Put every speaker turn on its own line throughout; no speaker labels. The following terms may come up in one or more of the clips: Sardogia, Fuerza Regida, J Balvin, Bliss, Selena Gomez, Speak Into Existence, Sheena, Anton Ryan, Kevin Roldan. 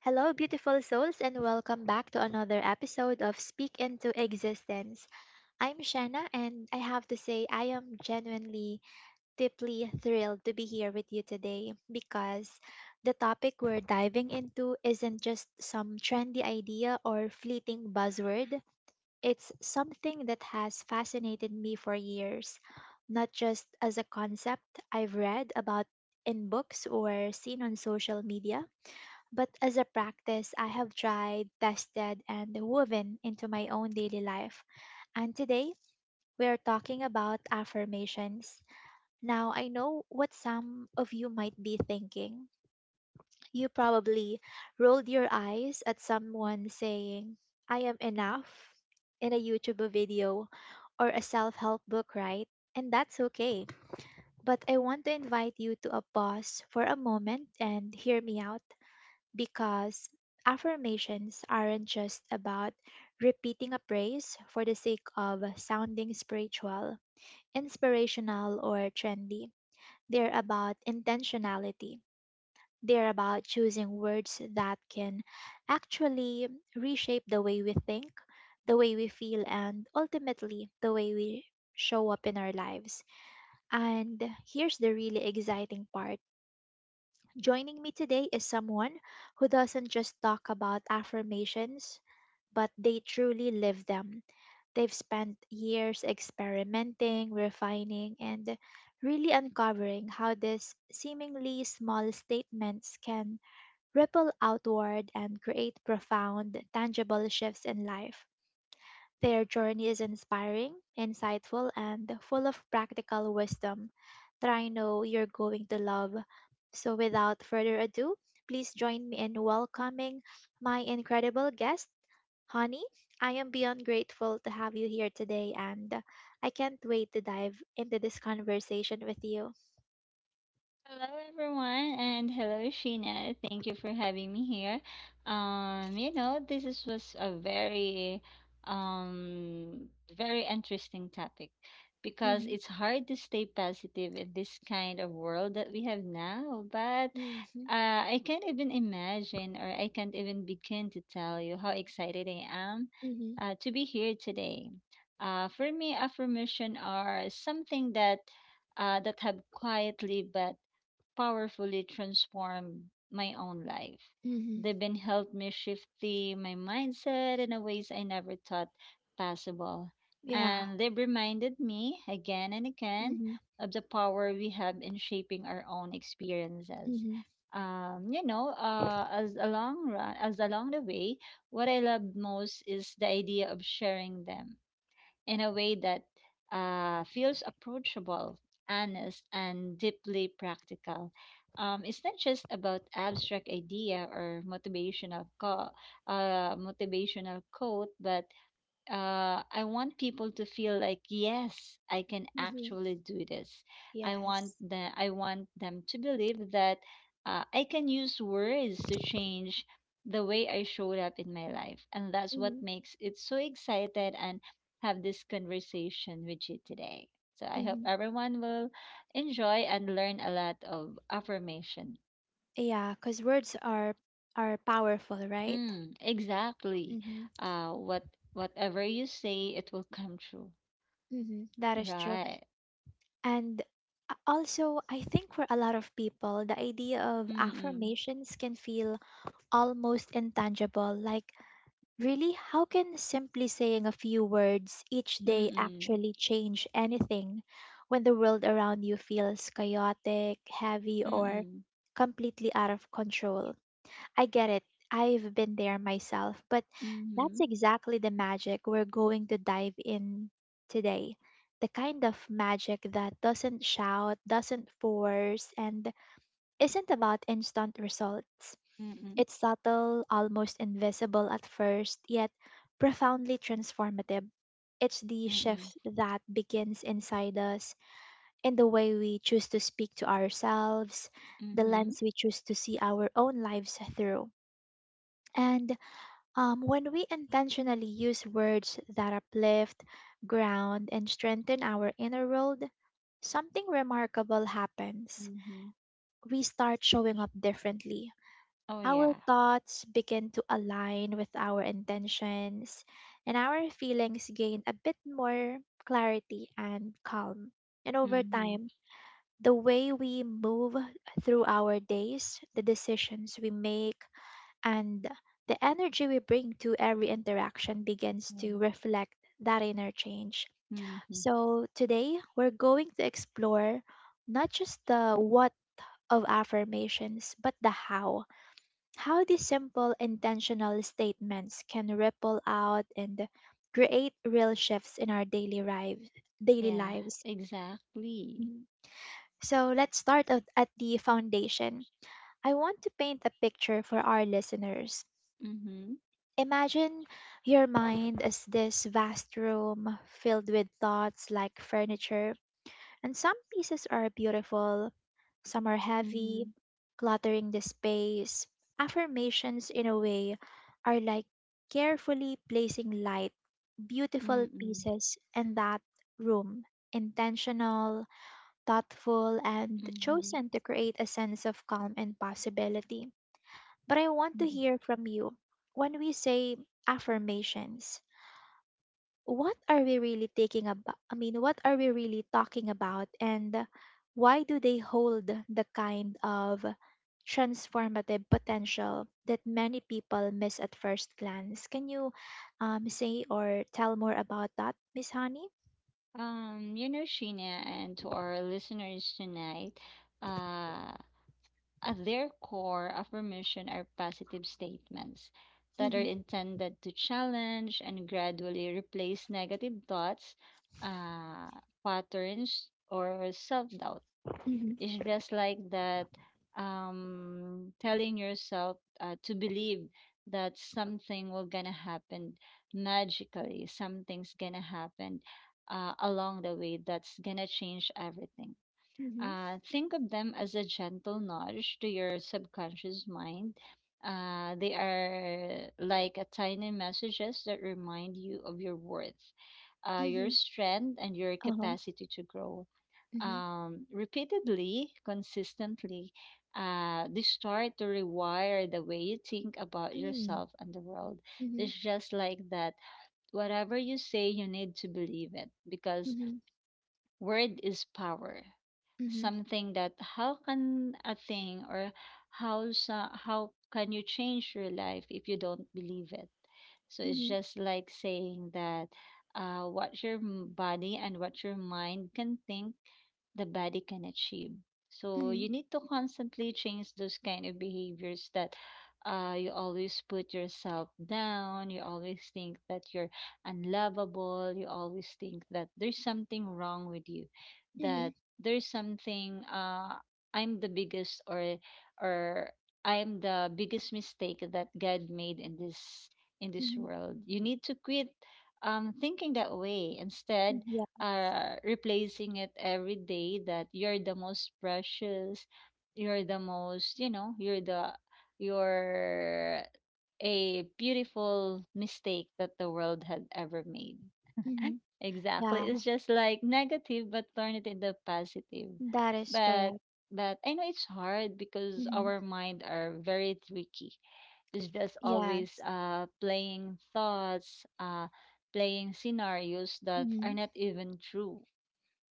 Hello, beautiful souls, and welcome back to another episode of Speak Into Existence. I'm Shanna, and I have to say, I am genuinely, deeply thrilled to be here with you today because the topic we're diving into isn't just some trendy idea or fleeting buzzword, it's something that has fascinated me for years, not just as a concept I've read about in books or seen on social media but as a practice, I have tried, tested, and woven into my own daily life. And today, we are talking about affirmations. Now, I know what some of you might be thinking. You probably rolled your eyes at someone saying, I am enough in a YouTube video or a self help book, right? And that's okay. But I want to invite you to a pause for a moment and hear me out because affirmations aren't just about repeating a praise for the sake of sounding spiritual, inspirational, or trendy. They're about intentionality. They're about choosing words that can actually reshape the way we think, the way we feel, and ultimately the way we show up in our lives. And here's the really exciting part. Joining me today is someone who doesn't just talk about affirmations, but they truly live them. They've spent years experimenting, refining, and really uncovering how these seemingly small statements can ripple outward and create profound, tangible shifts in life. Their journey is inspiring, insightful, and full of practical wisdom that I know you're going to love. So, without further ado, please join me in welcoming my incredible guest, Honey. I am beyond grateful to have you here today, and I can't wait to dive into this conversation with you.
Hello, everyone, and hello, Sheena. Thank you for having me here. This was a um, very interesting topic because
Hmm.
it's hard to stay positive in this kind of world that we have now. But
Hmm.
I can't even imagine, or I can't even begin to tell you how excited I am
Hmm.
to be here today. For me, affirmation are something that that have quietly but powerfully transformed my own life.
Hmm.
They've been helped me shift my mindset in a ways I never thought possible.
Yeah.
And they've reminded me again and again
Hmm.
of the power we have in shaping our own experiences.
Hmm.
As along run, as along the way, what I love most is the idea of sharing them in a way that feels approachable, honest, and deeply practical. It's not just about abstract idea or motivational motivational quote, but I want people to feel like yes, I can
Hmm.
actually do this.
Yes.
I want them to believe that I can use words to change the way I showed up in my life, and that's
Mm-hmm.
what makes it so excited and have this conversation with you today. So I hope everyone will enjoy and learn a lot of affirmation.
Yeah, because words are powerful, right?
Mm, exactly.
Mm-hmm.
Uh, what whatever you say, it will come true.
Mm-hmm. That is true.
Right.
And also, I think for a lot of people, the idea of
Mm, mm,
affirmations can feel almost intangible. Like, really, how can simply saying a few words each day
mm,
actually change anything when the world around you feels chaotic, heavy, or
mhm,
completely out of control? I get it. I've been there myself, but that's
mhm,
exactly the magic we're going to dive in today. The kind of magic that doesn't shout, doesn't force, and isn't about instant results.
mhm,
It's subtle, almost invisible at first, yet profoundly transformative. It's the shift that begins inside us in the way we choose to speak to ourselves, the
mhm,
lens we choose to see our own lives through. And when we intentionally use words that uplift, ground, and strengthen our inner world, something remarkable happens.
mhm.
We start showing up differently.
Oh,
Our
yeah.
thoughts begin to align with our intentions, and our feelings gain a bit more clarity and calm. And over
Mhm,
time, the way we move through our days, the decisions we make, and the energy we bring to every interaction begins to
Mm.
reflect that inner change.
Mhm.
So today we're going to explore not just the what of affirmations, but the how. How these simple intentional statements can ripple out and create real shifts in our daily lives daily
Yeah,
lives.
exactly.
Mhm. So let's start at the foundation. I want to paint a picture for our listeners.
Mhm,
Imagine your mind as this vast room filled with thoughts like furniture, and some pieces are beautiful, some are heavy,
mhm,
cluttering the space. Affirmations, in a way, are like carefully placing light, beautiful
mhm,
pieces in that room, intentional, thoughtful, and
mhm,
chosen to create a sense of calm and possibility. But I want to
mhm.
hear from you. When we say affirmations, what are we really taking about? I mean, what are we really talking about? And why do they hold the kind of transformative potential that many people miss at first glance? Can you say or tell more about that, Miss Honey?
You know, Sheena, and to our listeners tonight, uh, At their core, affirmation are positive statements that are
Mm-hmm.
intended to challenge and gradually replace negative thoughts, uh, patterns, or self doubt.
Mm-hmm.
It's just like that telling yourself to believe that something will gonna happen magically, something's gonna happen along the way that's gonna change everything.
Mm-hmm.
Think of them as a gentle nudge to your subconscious mind. They are like a tiny messages that remind you of your worth, your
Mm-hmm.
strength, and your
Uh-huh.
capacity to grow.
Mm-hmm.
Repeatedly, consistently, they start to rewire the way you think about
Mm-hmm.
yourself and the world.
Mm-hmm.
It's just like that. Whatever you say, you need to believe it, because
Mm-hmm.
word is power. Something that how can a thing or how can you change your life if you don't believe it? So it's
Mm-hmm.
just like saying that body and what your mind can think, the body can achieve. So
Mm-hmm.
you need to constantly change those kind of behaviors that you always put yourself down, you always think that you're unlovable, you always think that there's something wrong with you,
Mm-hmm.
that there's something I'm the biggest or I'm the biggest mistake that God made in this world. You need to quit thinking that way. Instead,
Mm-hmm.
replacing it every day that you're the most precious, you're the most, you know, you're the you're a beautiful mistake that the world had ever made.
Yeah.
Exactly.
Yeah,
It's just like negative, but turn it into positive.
that is
But
correct.
but I know it's hard because
Hmm.
our mind are very tricky. It's just always
Yes.
playing thoughts, playing scenarios that are
Hmm.
not even true,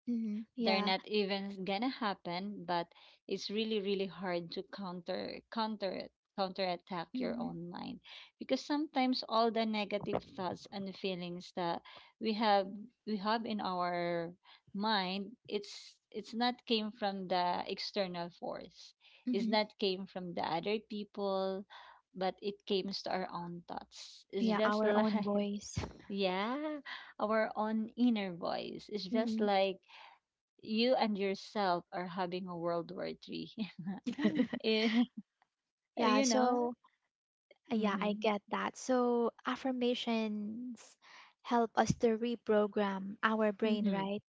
Hmm.
they're
Yeah.
not even gonna happen, but it's really really hard to counterattack your
Hmm.
own mind, because sometimes all the negative thoughts and feelings that we have we have in our mind, it's not came from the external force, it's
Hmm.
not came from the other people, but it came to our own thoughts. It's
Yeah,
just
our own
like
voice.
yeah, our own inner voice. It's just
Hmm.
like you and yourself are having a World War Three. Eh,
Yeah,
you know.
so yeah, I
Mm-hmm.
get that. So affirmations help us to reprogram our brain,
Mm-hmm.
right?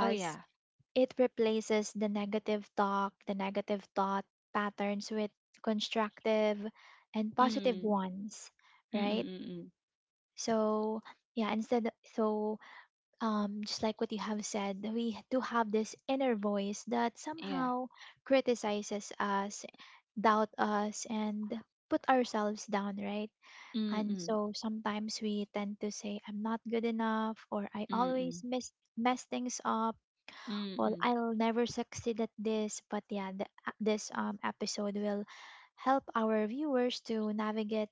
Oh yeah.
it replaces the negative talk, the negative thought patterns with constructive and positive
Mm.
ones, right?
Mm-mm-mm.
So yeah, instead so just like what you have said, we do have this inner voice that
Yeah.
somehow criticizes us, doubt us, and put ourselves down, right? And
Mm-mm.
so sometimes we tend to say, I'm not good enough, or I always
Mm-mm.
miss, mess things up, or
Mm-mm.
I'll never succeed at this. But yeah, the, this episode will help our viewers to navigate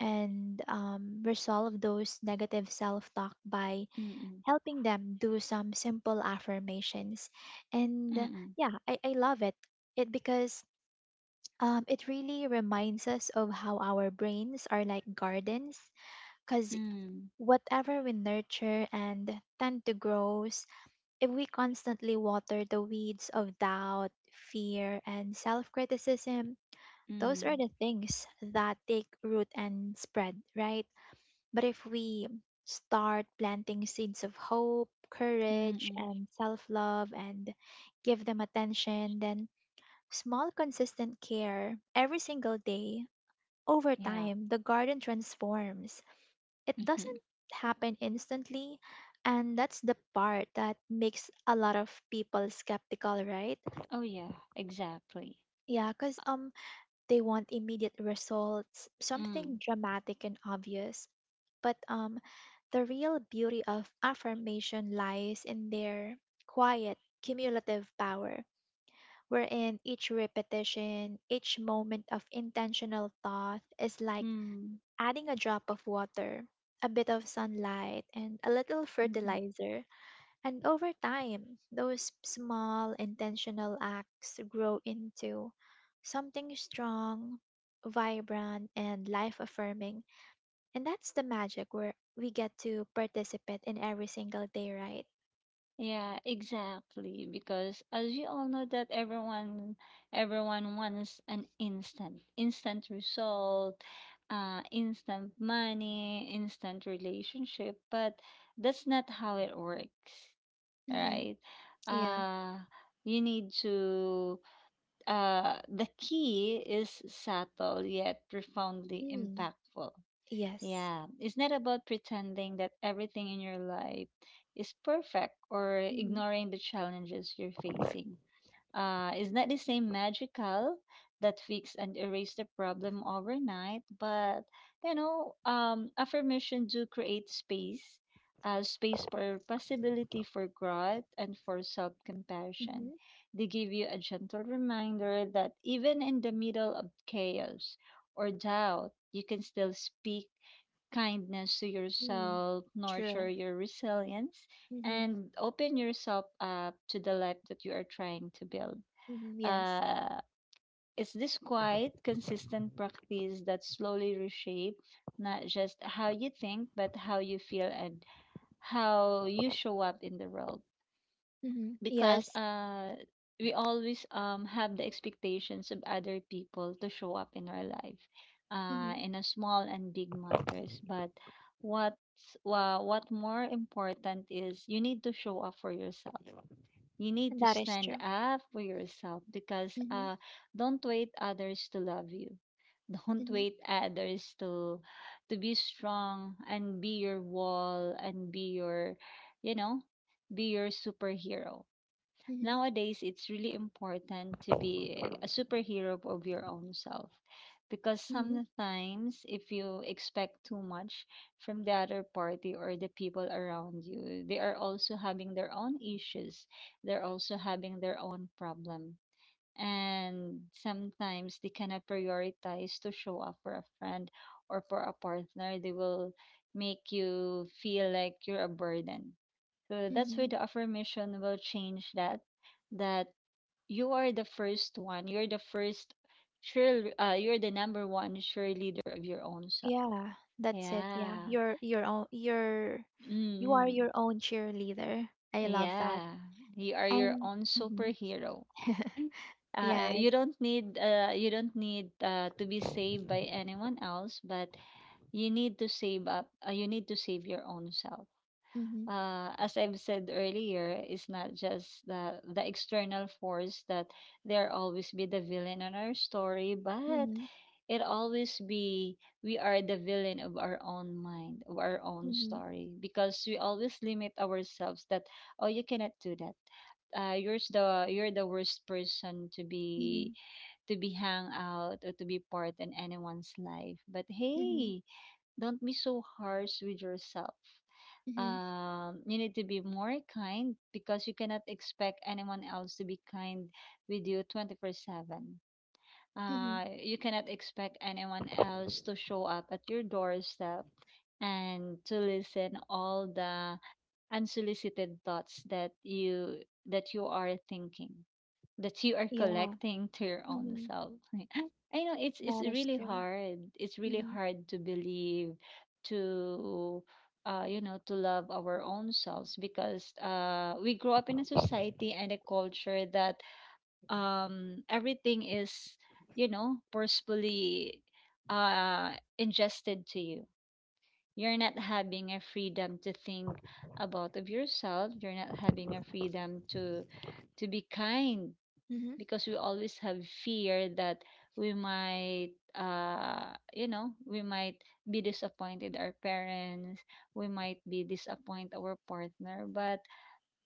and resolve those negative self talk by
Mm-mm.
helping them do some simple affirmations. And
Mm-mm.
yeah, I love it. Because it really reminds us of how our brains are like gardens because
Mm.
whatever we nurture and tend to grows if we constantly water the weeds of doubt, fear, and self criticism, those are
Mm.
the things that take root and spread, right? But if we start planting seeds of hope, courage,
Mm-mm.
and self love and give them attention, then small, consistent care every single day, over
Yeah.
time, the garden transforms. It
Mm-hmm.
doesn't happen instantly. And that's the part that makes a lot of people skeptical, right?
Oh yeah. Exactly.
Yeah, because they want immediate results, something
Mm.
dramatic and obvious. But the real beauty of affirmation lies in their quiet, cumulative power, wherein each repetition, each moment of intentional thought is like
Mm.
adding a drop of water, a bit of sunlight, and a little
Mm-mm.
fertilizer. And over time, those small intentional acts grow into something strong, vibrant, and life affirming, and that's the magic where we get to participate in every single day, right?
Yeah, exactly. Because as we all know that everyone wants an instant result, instant money, instant relationship, but that's not how it works,
Mm-hmm.
right?
Yeah.
Uh, you need to the key is subtle yet profoundly
Mm.
impactful.
Yes.
Yeah, it's not about pretending that everything in your life is perfect or
Mm-hmm.
ignoring the challenges you're facing. It's not the same magical that fix and erase the problem overnight, but affirmation do create space, space for possibility, for growth, and for self-compassion.
Mm-hmm.
They give you a gentle reminder that even in the middle of chaos or doubt, you can still speak kindness to
Mm.
yourself, nurture
True.
your resilience,
Mm-hmm.
and open yourself up to the life that you are trying to build.
Mm-hmm. Yes.
Uh, it's this quiet, consistent practice that slowly reshape not just how you think, but how you feel and how you show up in the world,
Mm-hmm.
because
Yes.
we always have the expectations of other people to show up in our life
Mm-hmm.
in a small and big matters, but what more important is you need to show up for yourself, you need
And
to
that is
stand
true.
up for yourself, because
Mm-hmm.
don't wait others to love you, don't
Mm-hmm.
wait others to be strong and be your wall and be your, you know, be your superhero.
Mm-hmm.
Nowadays, it's really important to be a superhero of your own self, because
Mm-hmm.
sometimes if you expect too much from the other party or the people around you, they are also having their own issues. They're also having their own problem, and sometimes they cannot prioritize to show up for a friend or for a partner. They will make you feel like you're a burden, so that's why
Mm-hmm.
the affirmation will change that, that you are the first one, you're the number one sure leader of your own self.
Yeah. That's it. Yeah.
Yeah,
You are
mm.
your own cheerleader. I love that.
Yeah, you are your
And
own
Mhm.
superhero.
Yes.
You don't need to be saved by anyone else, but you need to save up. You need to save your own self.
Mm-hmm.
As I've said earlier, it's not just the external force that there always be the villain on our story, but
Mm-hmm.
it always be we are the villain of our own mind, of our own
Mm-hmm.
story, because we always limit ourselves that oh, you cannot do that. You're the worst person to
Mm-hmm.
be hang out or to be part in anyone's life. But
Mm-hmm.
hey, don't be so harsh with yourself.
Mhm.
You need to be more kind, because you cannot expect anyone else to be kind with you 24/7.
Mhm.
You cannot expect anyone else to show up at your doorstep and to listen all the unsolicited thoughts that you are thinking, that you are
Yeah.
collecting to your own
Mhm.
self. Like, I know it's
That is
really
true.
hard. It's really
Mhm.
hard to believe, to to love our own selves, because we grow up in a society and a culture that everything is, you know, forcefully ingested to you. You're not having a freedom to think about of yourself. You're not having a freedom to be kind,
Mhm.
because we always have fear that we might be disappointed our parents, we might be disappoint our partner, but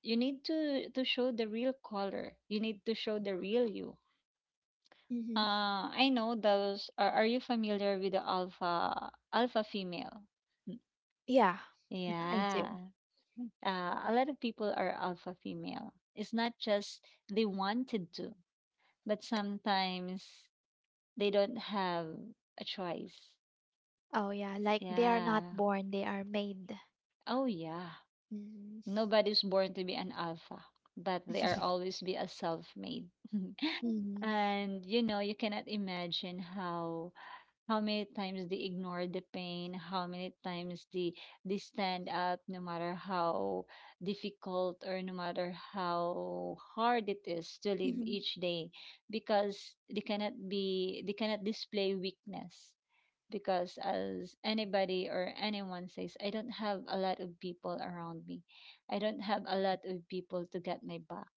you need to show the real color, you need to show the real you.
Mhm.
I know those are you familiar with the alpha female? Mm,
Yeah, mm, I
yeah.
do.
A lot of people are alpha female. It's not just they wanted to, but sometimes they don't have a choice.
Oh, yeah. Like they are
Yeah.
not born, they are made.
Oh, yeah.
Mhm.
Nobody's born to be an alpha, but they are always be a self-made.
Mhm.
And you know, you cannot imagine how many times they ignore the pain, how many times they stand up, no matter how difficult or no matter how hard it is to live
Mhm.
each day, because they cannot display weakness, because as anybody or anyone says, I don't have a lot of people around me. I don't have a lot of people to get my back.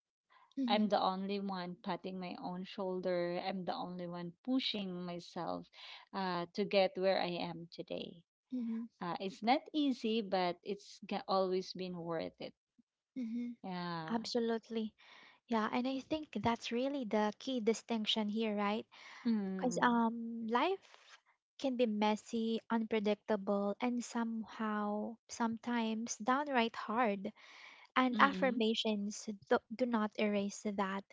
I'm
Mhm.
the only one patting my own shoulder. I'm the only one pushing myself to get where I am today.
Mhm.
It's not easy, but it's always been worth it.
Mhm.
Yeah.
Absolutely. Yeah, and I think that's really the key distinction here, right? Because
Mm.
life can be messy, unpredictable, and somehow, sometimes downright hard. And
Mm-mm.
affirmations do not erase that.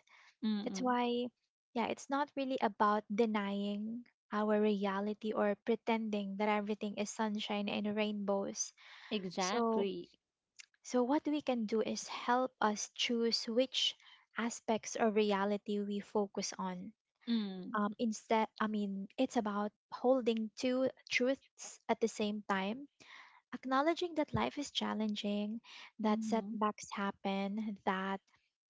That's
Mm-mm.
why, yeah, it's not really about denying our reality or pretending that everything is sunshine and rainbows. So,
Exactly.
so what we can do is help us choose which aspects of reality we focus on.
Mm.
Instead, I mean, it's about holding two truths at the same time. Acknowledging that life is challenging, that
Mm-hmm.
setbacks happen, that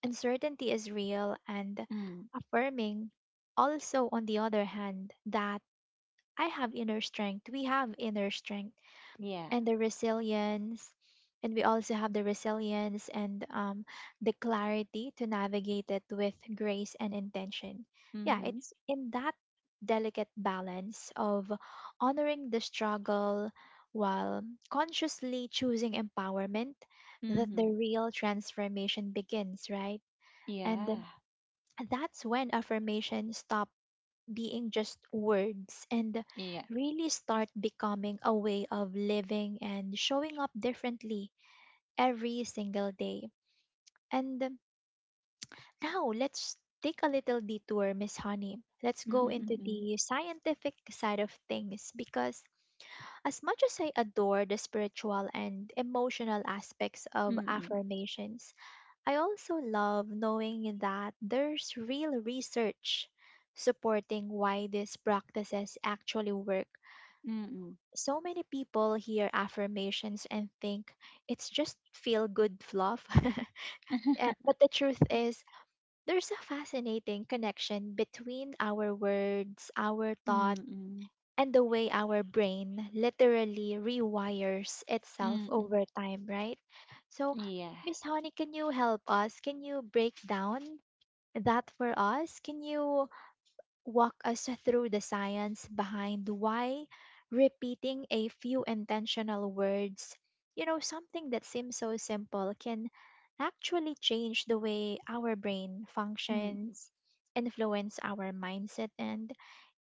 uncertainty is real, and
Mm.
affirming also, on the other hand, that I have inner strength, we have inner strength
Yeah.
and the resilience, and we also have the resilience and the clarity to navigate it with grace and intention. Yeah,
Mm-hmm.
it's in that delicate balance of honoring the struggle while consciously choosing empowerment that the
Mm-hmm.
real transformation begins, right? And
Yeah.
that's when affirmation stop being just words and
Iya,
really start becoming a way of living and showing up differently every single day. And now let's take a little detour, Miss Honey. Let's
mm,
go into
mm,
the scientific side of things because as much as I adore the spiritual and emotional aspects of
mm,
affirmations, I also love knowing that there's real research supporting why these practices actually work.
mm,
So many people hear affirmations and think it's just feel good fluff. But the truth is, there's a fascinating connection between our words, our thought,
mm,
and the way our brain literally rewires
mm,
itself
mm.
over time, right? So,
Yeah.
Miss Honey, can you help us? Can you break down that for us? Can you walk us through the science behind why repeating a few intentional words, something that seems so simple, can actually change the way our brain
Mm.
functions, influence our mindset, and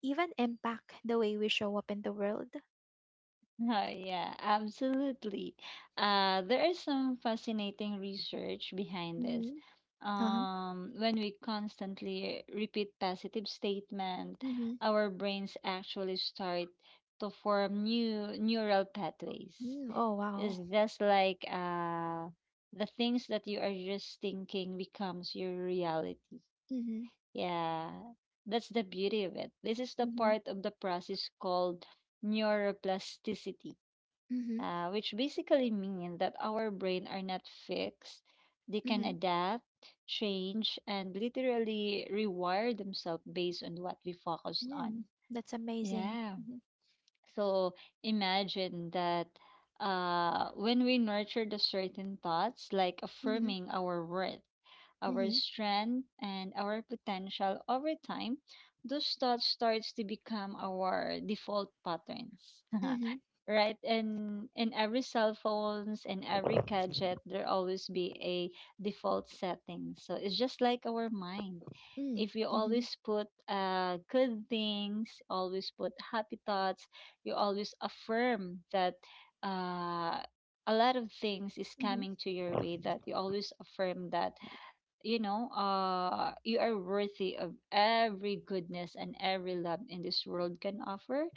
even impact the way we show up in the world.
Oh, yeah, absolutely. There is some fascinating research behind this.
Mhm. Uh-huh.
When we constantly repeat positive statement,
Mhm.
our brains actually start to form new neural pathways.
Mm, oh,
It's
wow.
just like the things that you are just thinking becomes your reality.
Mm-hmm.
Yeah, that's the beauty of it. This is the
Mhm.
part of the process called neuroplasticity,
Mm-hmm.
which basically means that our brain are not fixed. They can
Mm-hmm.
adapt, change, and literally rewire themselves based on what we focus on.
Mm, that's amazing.
Yeah.
Mm-hmm.
So imagine that when we nurture the certain thoughts, like
Mhm.
affirming our worth, our
Mhm.
strength, and our potential over time, those thoughts starts to become our default patterns.
Mhm.
Right? And in every cell phones and every gadget, there always be a default setting. So it's just like our mind. If you
Mm-hmm.
always put good things, always put happy thoughts, you always affirm that uh, a lot of things is
Mhm.
coming to your way, that you always affirm that you are worthy of every goodness and every love in this world can offer,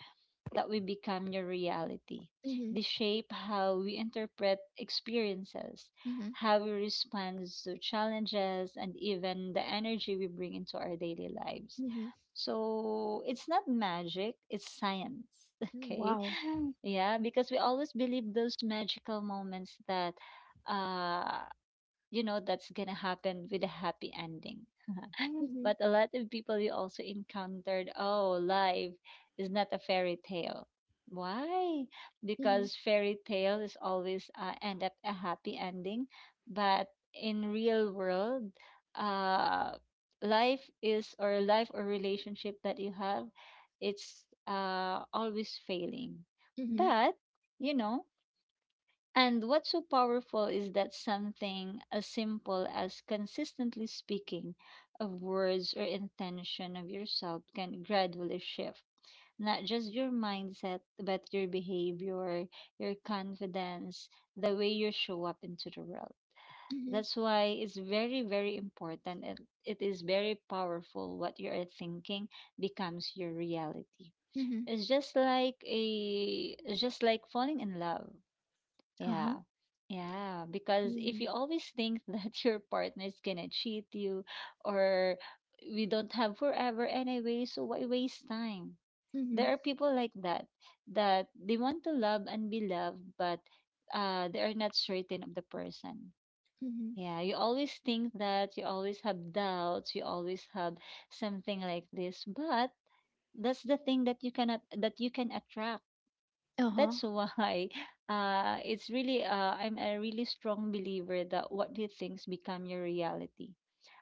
that will become your reality.
Mhm.
They shape how we interpret experiences,
Mhm.
how we respond to challenges, and even the energy we bring into our daily lives.
Mhm.
So it's not magic, it's science.
Mhm.
Okay.
Wow.
Yeah, because we always believe those magical moments that uh that's gonna happen with a happy ending.
Mhm.
But a lot of people you also encountered, oh, life is not a fairy tale. Why?
Mhm.
Because fairy tale is always end up a happy ending, but in real world, uh, life is or life or relationship that you have, it's always failing.
Mhm.
But you know. And what's so powerful is that something as simple as consistently speaking of words or intention of yourself can gradually shift not just your mindset, but your behavior, your confidence, the way you show up into the world.
Mhm.
That's why it's very, very important and it is very powerful what you are thinking becomes your reality.
Mhm.
It's just like falling in love.
Uh-huh.
Yeah. Yeah, because if you
Mm.
always think that your partner is gonna cheat you, or we don't have forever anyway, so why waste time? There
Mhm.
are people like that that they want to love and be loved, but they are not certain of the person.
Mhm.
Yeah, you always think that you always have doubts, you always have something like this, but that's the thing that you cannot that you can attract.
Uh-huh.
That's why it's really I'm a really strong believer that what you think's become your reality.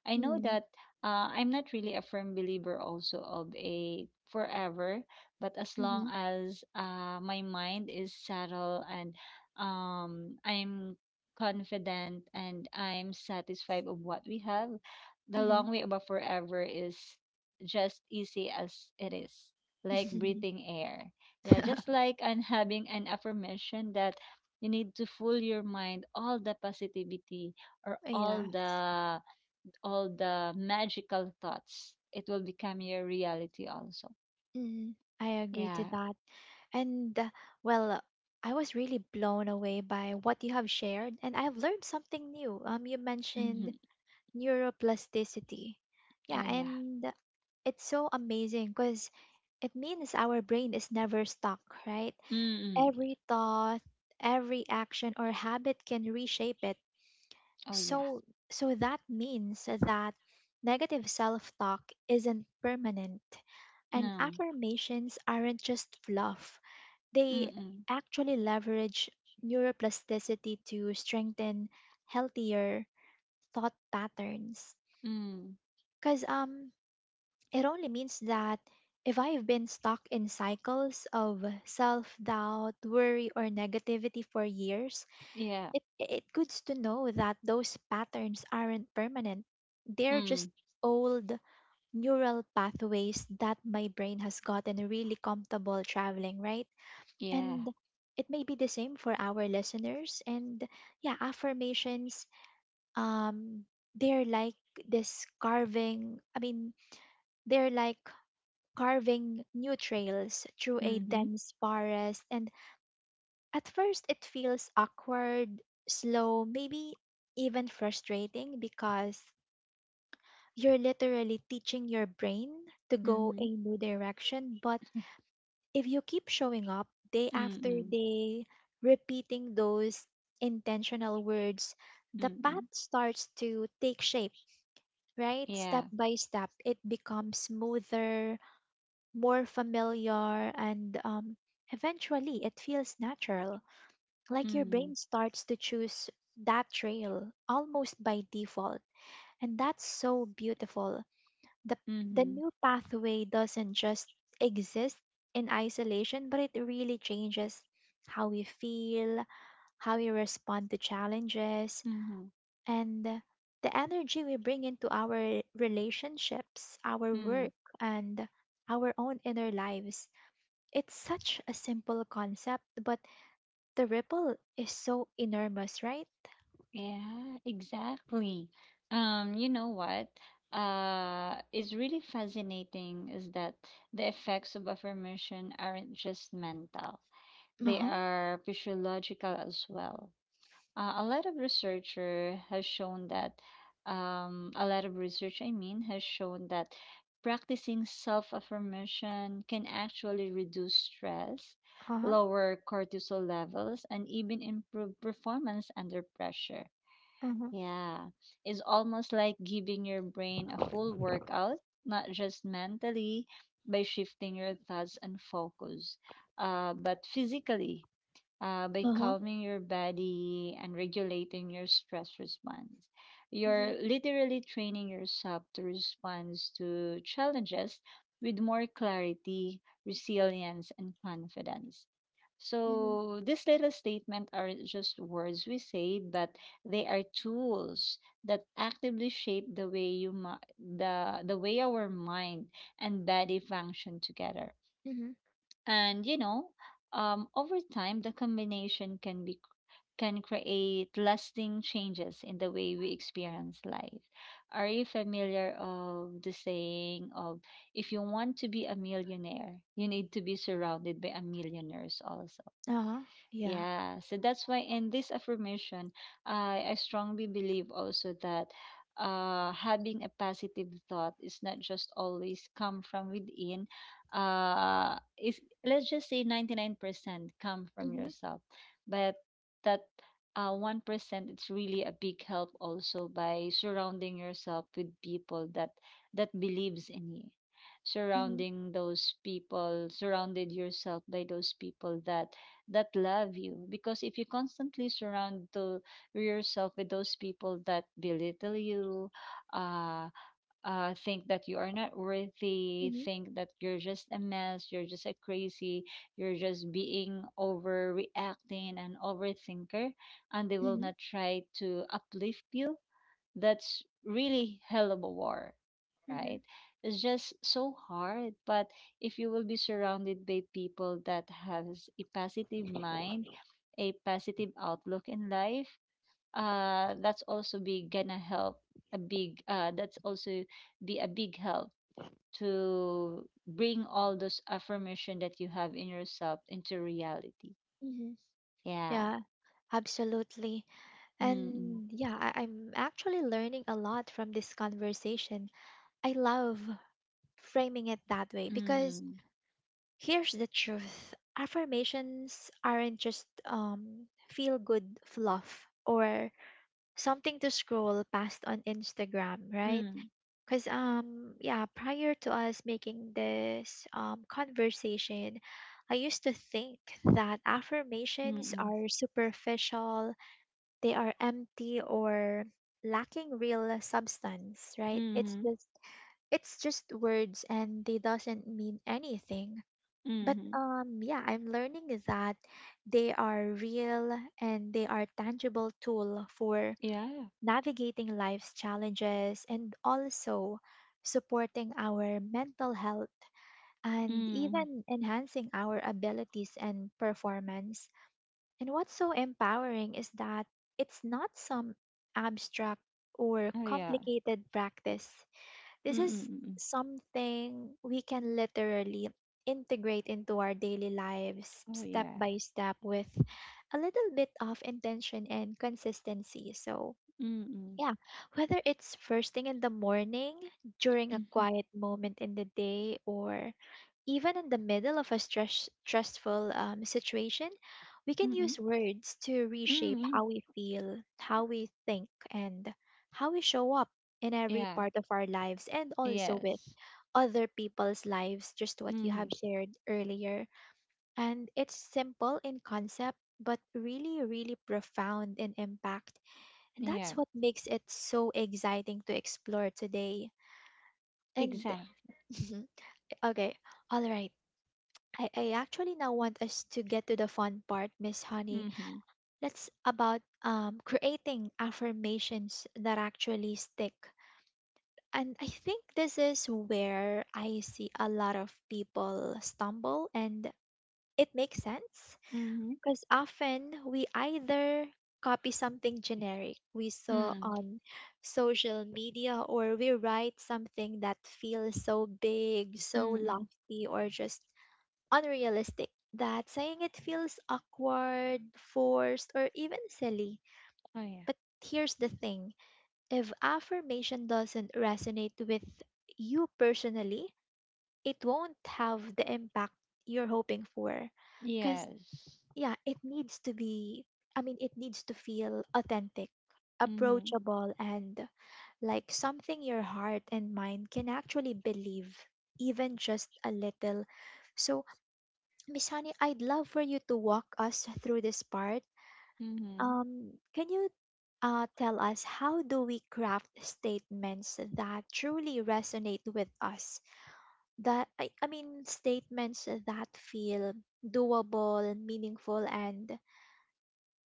I know
Mm.
that I'm not really a firm believer also of a forever, but as long
Mhm.
as my mind is settled and I'm confident and I'm satisfied of what we have, the
Mhm.
long way about forever is just easy as it is, like breathing air. Yeah, just like and having an affirmation that you need to fool your mind all the positivity or
Yes.
all the magical thoughts. It will become your reality also.
Mhm. I agree to
Yeah.
that. And well, I was really blown away by what you have shared, and I have learned something new. You mentioned
Mm-hmm.
neuroplasticity. Yeah,
Oh yeah.
and it's so amazing because it means our brain is never stuck, right?
Mm-mm.
Every thought, every action or habit can reshape it.
Oh yeah.
So that means that negative self-talk isn't permanent and
No.
affirmations aren't just fluff. They
Mm-mm.
actually leverage neuroplasticity to strengthen healthier thought patterns.
Mm.
Cuz it only means that if I've been stuck in cycles of self doubt, worry, or negativity for years,
Yeah.
it good to know that those patterns aren't permanent. They're just
Mm.
old neural pathways that my brain has gotten really comfortable traveling, right?
Yeah.
And it may be the same for our listeners and yeah, affirmations um they're like I mean, they're like carving new trails through a
Mm-hmm.
dense forest, and at first, it feels awkward, slow, maybe even frustrating because you're literally teaching your brain to go
Mm-hmm.
a new direction. But if you keep showing up day after
Mm-mm.
day, repeating those intentional words, the path
Mm-mm.
starts to take shape, right? Step
Yeah.
by step, it becomes smoother, more familiar, and eventually it feels natural. Like your
Mm.
brain starts to choose that trail almost by default. And that's so beautiful. The, the
Mm-hmm.
new pathway doesn't just exist in isolation, but it really changes how we feel, how we respond to challenges,
Mm-hmm.
and the energy we bring into our relationships, our
Mm.
work, and our own inner lives. It's such a simple concept, but the ripple is so enormous, right?
Yeah, exactly. You know what? Is really fascinating is that the effects of affirmation aren't just mental, they
Uh-huh.
are physiological as well. A lot of researcher has shown that, A lot of research, I mean, has shown that practicing self-affirmation can actually reduce stress,
Uh-huh.
lower cortisol levels, and even improve performance under pressure.
Uh-huh.
Yeah, it's almost like giving your brain a full workout, not just mentally by shifting your thoughts and focus, but physically by
Uh-huh.
calming your body and regulating your stress response. You're
Mhm.
literally training yourself to respond to challenges with more clarity, resilience, and confidence.
Mhm.
So, these little statements are just words we say, but they are tools that actively shape the way you mi- the way our mind and body function together.
Mhm.
And over time, the combination can be can create lasting changes in the way we experience life. Are you familiar of the saying of if you want to be a millionaire, you need to be surrounded by a millionaires also?
Uh-huh. Yeah.
Yeah, so that's why in this affirmation, I strongly believe also that having a positive thought is not just always come from within. Is let's just say 99% come from
Mhm.
yourself, but that 1% it's really a big help also by surrounding yourself with people that believes in you,
Mhm.
surrounding those people surrounded yourself by those people that love you, because if you constantly surround to yourself with those people that belittle you uh, think that you are not worthy,
Mhm.
think that you're just a mess, you're just a crazy, you're just being overreacting and overthinker, and they will
Mhm.
not try to uplift you, that's really hell of a war,
Mhm.
right? It's just so hard. But if you will be surrounded by people that has a positive mind, a positive outlook in life, that's also be gonna help a big. That's also be a big help to bring all those affirmation that you have in yourself into reality.
Mhm.
Yeah.
Yeah, absolutely.
Mm.
And yeah, I'm actually learning a lot from this conversation. I love framing it that way because
Mm.
here's the truth. Affirmations aren't just feel good fluff or something to scroll past on Instagram, right?
Mm.
Because yeah, prior to us making this conversation, I used to think that affirmations
Mm.
are superficial, they are empty or lacking real substance, right?
Mm.
It's
Mm.
just it's just words and they doesn't mean anything. But
Mm.
yeah, I'm learning that they are real and they are tangible tool for
Yeah.
navigating life's challenges, and also supporting our mental health and
Mm.
even enhancing our abilities and performance. And what's so empowering is that it's not some abstract or
Oh yeah.
complicated practice.
Mm.
This is
Mm. Mm.
something we can literally integrate into our daily lives
Oh
step
yeah.
by step with a little bit of intention and consistency. So,
Mm-mm.
yeah, whether it's first thing in the morning, during a
Mhm.
quiet moment in the day, or even in the middle of a stressful situation, we can
Mm-mm.
use words to reshape
Mm-mm.
how we feel, how we think, and how we show up in every
Yeah.
part of our lives, and also with
Yes.
other people's lives, just what you
Mm-hmm.
have shared earlier. And it's simple in concept, but really, really profound in impact, and
Yeah.
that's what makes it so exciting to explore today. And
Exact.
okay, all right. I actually now want us to get to the fun part, Miss Honey.
Mm-hmm.
That's about creating affirmations that actually stick. And I think this is where I see a lot of people stumble, and it makes sense.
Mm-hmm.
Because often we either copy something generic we saw
Mm-mm.
on social media, or we write something that feels so big, so
Mm-mm.
lofty, or just unrealistic that saying it feels awkward, forced, or even silly.
Oh yeah.
But here's the thing, if affirmation doesn't resonate with you personally, it won't have the impact you're hoping for. Because
Yes.
yeah, it needs to be I mean, it needs to feel authentic,
Mm-hmm.
approachable, and like something your heart and mind can actually believe, even just a little. So, Miss Honey, I'd love for you to walk us through this part.
Mm-hmm.
um can you tell us, how do we craft statements that truly resonate with us, that I mean statements that feel doable, meaningful, and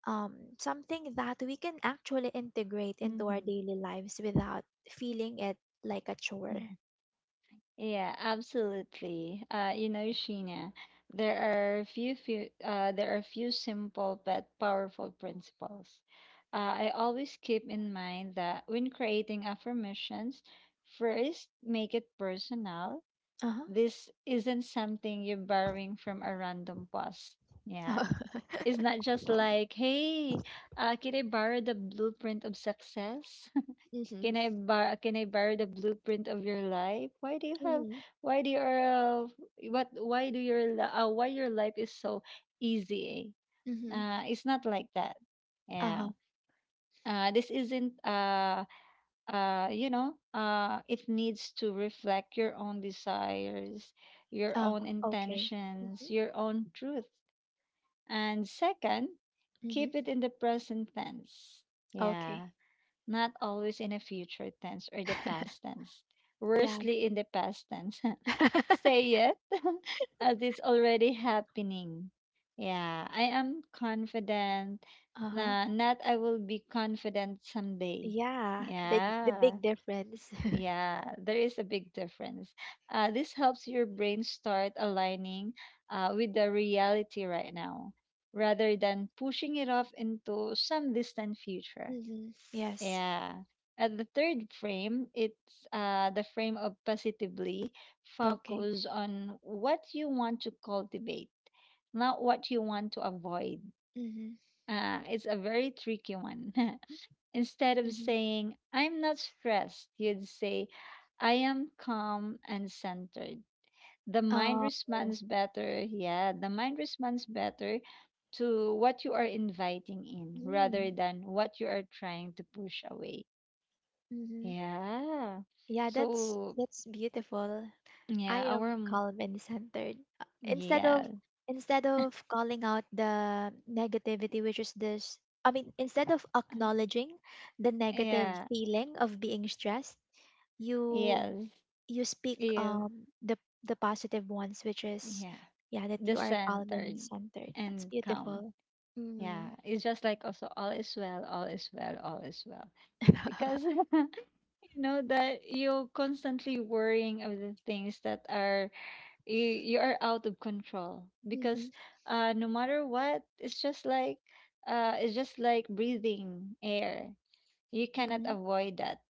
something that we can actually integrate into our daily lives without feeling it like a chore.
Mm-hmm. Yeah, absolutely. You know, Sheena, there are few simple but powerful principles. I always keep in mind that when creating affirmations, first make it personal.
Uh
This isn't something you're borrowing from a random post.
huh.
Yeah, it's not just like, hey, can I borrow the blueprint of success?
Mm-hmm.
Can I bar? Can I borrow the blueprint of your life? Why do you have
Hmm.
why do your what why do why your life is so easy?
Hmm.
Uh, it's not like that. Yeah.
Uh-huh.
This isn't you know, It needs to reflect your own desires, your
Uh-huh.
own
Okay. Mm-hmm.
intentions, your own truth. And second,
Hmm.
keep it in the present tense.
Okay.
Yeah, not always in a future tense or the past tense.
Yeah.
Worstly in the past tense. Say it as it's already happening. Yeah, I am confident.
Uh-huh.
Nah, not I will be confident someday.
Yeah. Big the
Yeah.
big difference.
Yeah, there is a big difference. This helps your brain start aligning with the reality right now rather than pushing it off into some distant future.
Mm-hmm. Yes.
Yeah. At the third frame, it's the frame of positively
Okay.
focus on what you want to cultivate, not what you want to avoid.
Mm-hmm.
It's a very tricky one. Instead of
Mm-hmm.
saying, I'm not stressed, you'd say, I am calm and centered. The mind
Oh.
responds better. Yeah, the mind responds better to what you are inviting in rather than what you are trying to push away.
Mm-hmm.
Yeah.
Yeah, that's
So
that's beautiful.
yeah,
I
our
am
m-
calm and centered. Instead
yeah.
of calling out the negativity, which is this, I mean, instead of acknowledging the negative
Yeah.
feeling of being stressed, you
Yes.
you speak
Yeah.
the positive ones, which is,
Yeah.
yeah, that
The
you are calm and
centered
centered. That's
and calm.
beautiful. Mm.
Yeah. It's just like also all is well, all is well, all is well. Because you know that you're constantly worrying of the things that are you are out of control. Because
Mm-hmm,
no matter what, it's just like breathing air. You cannot
mm-hmm,
avoid that.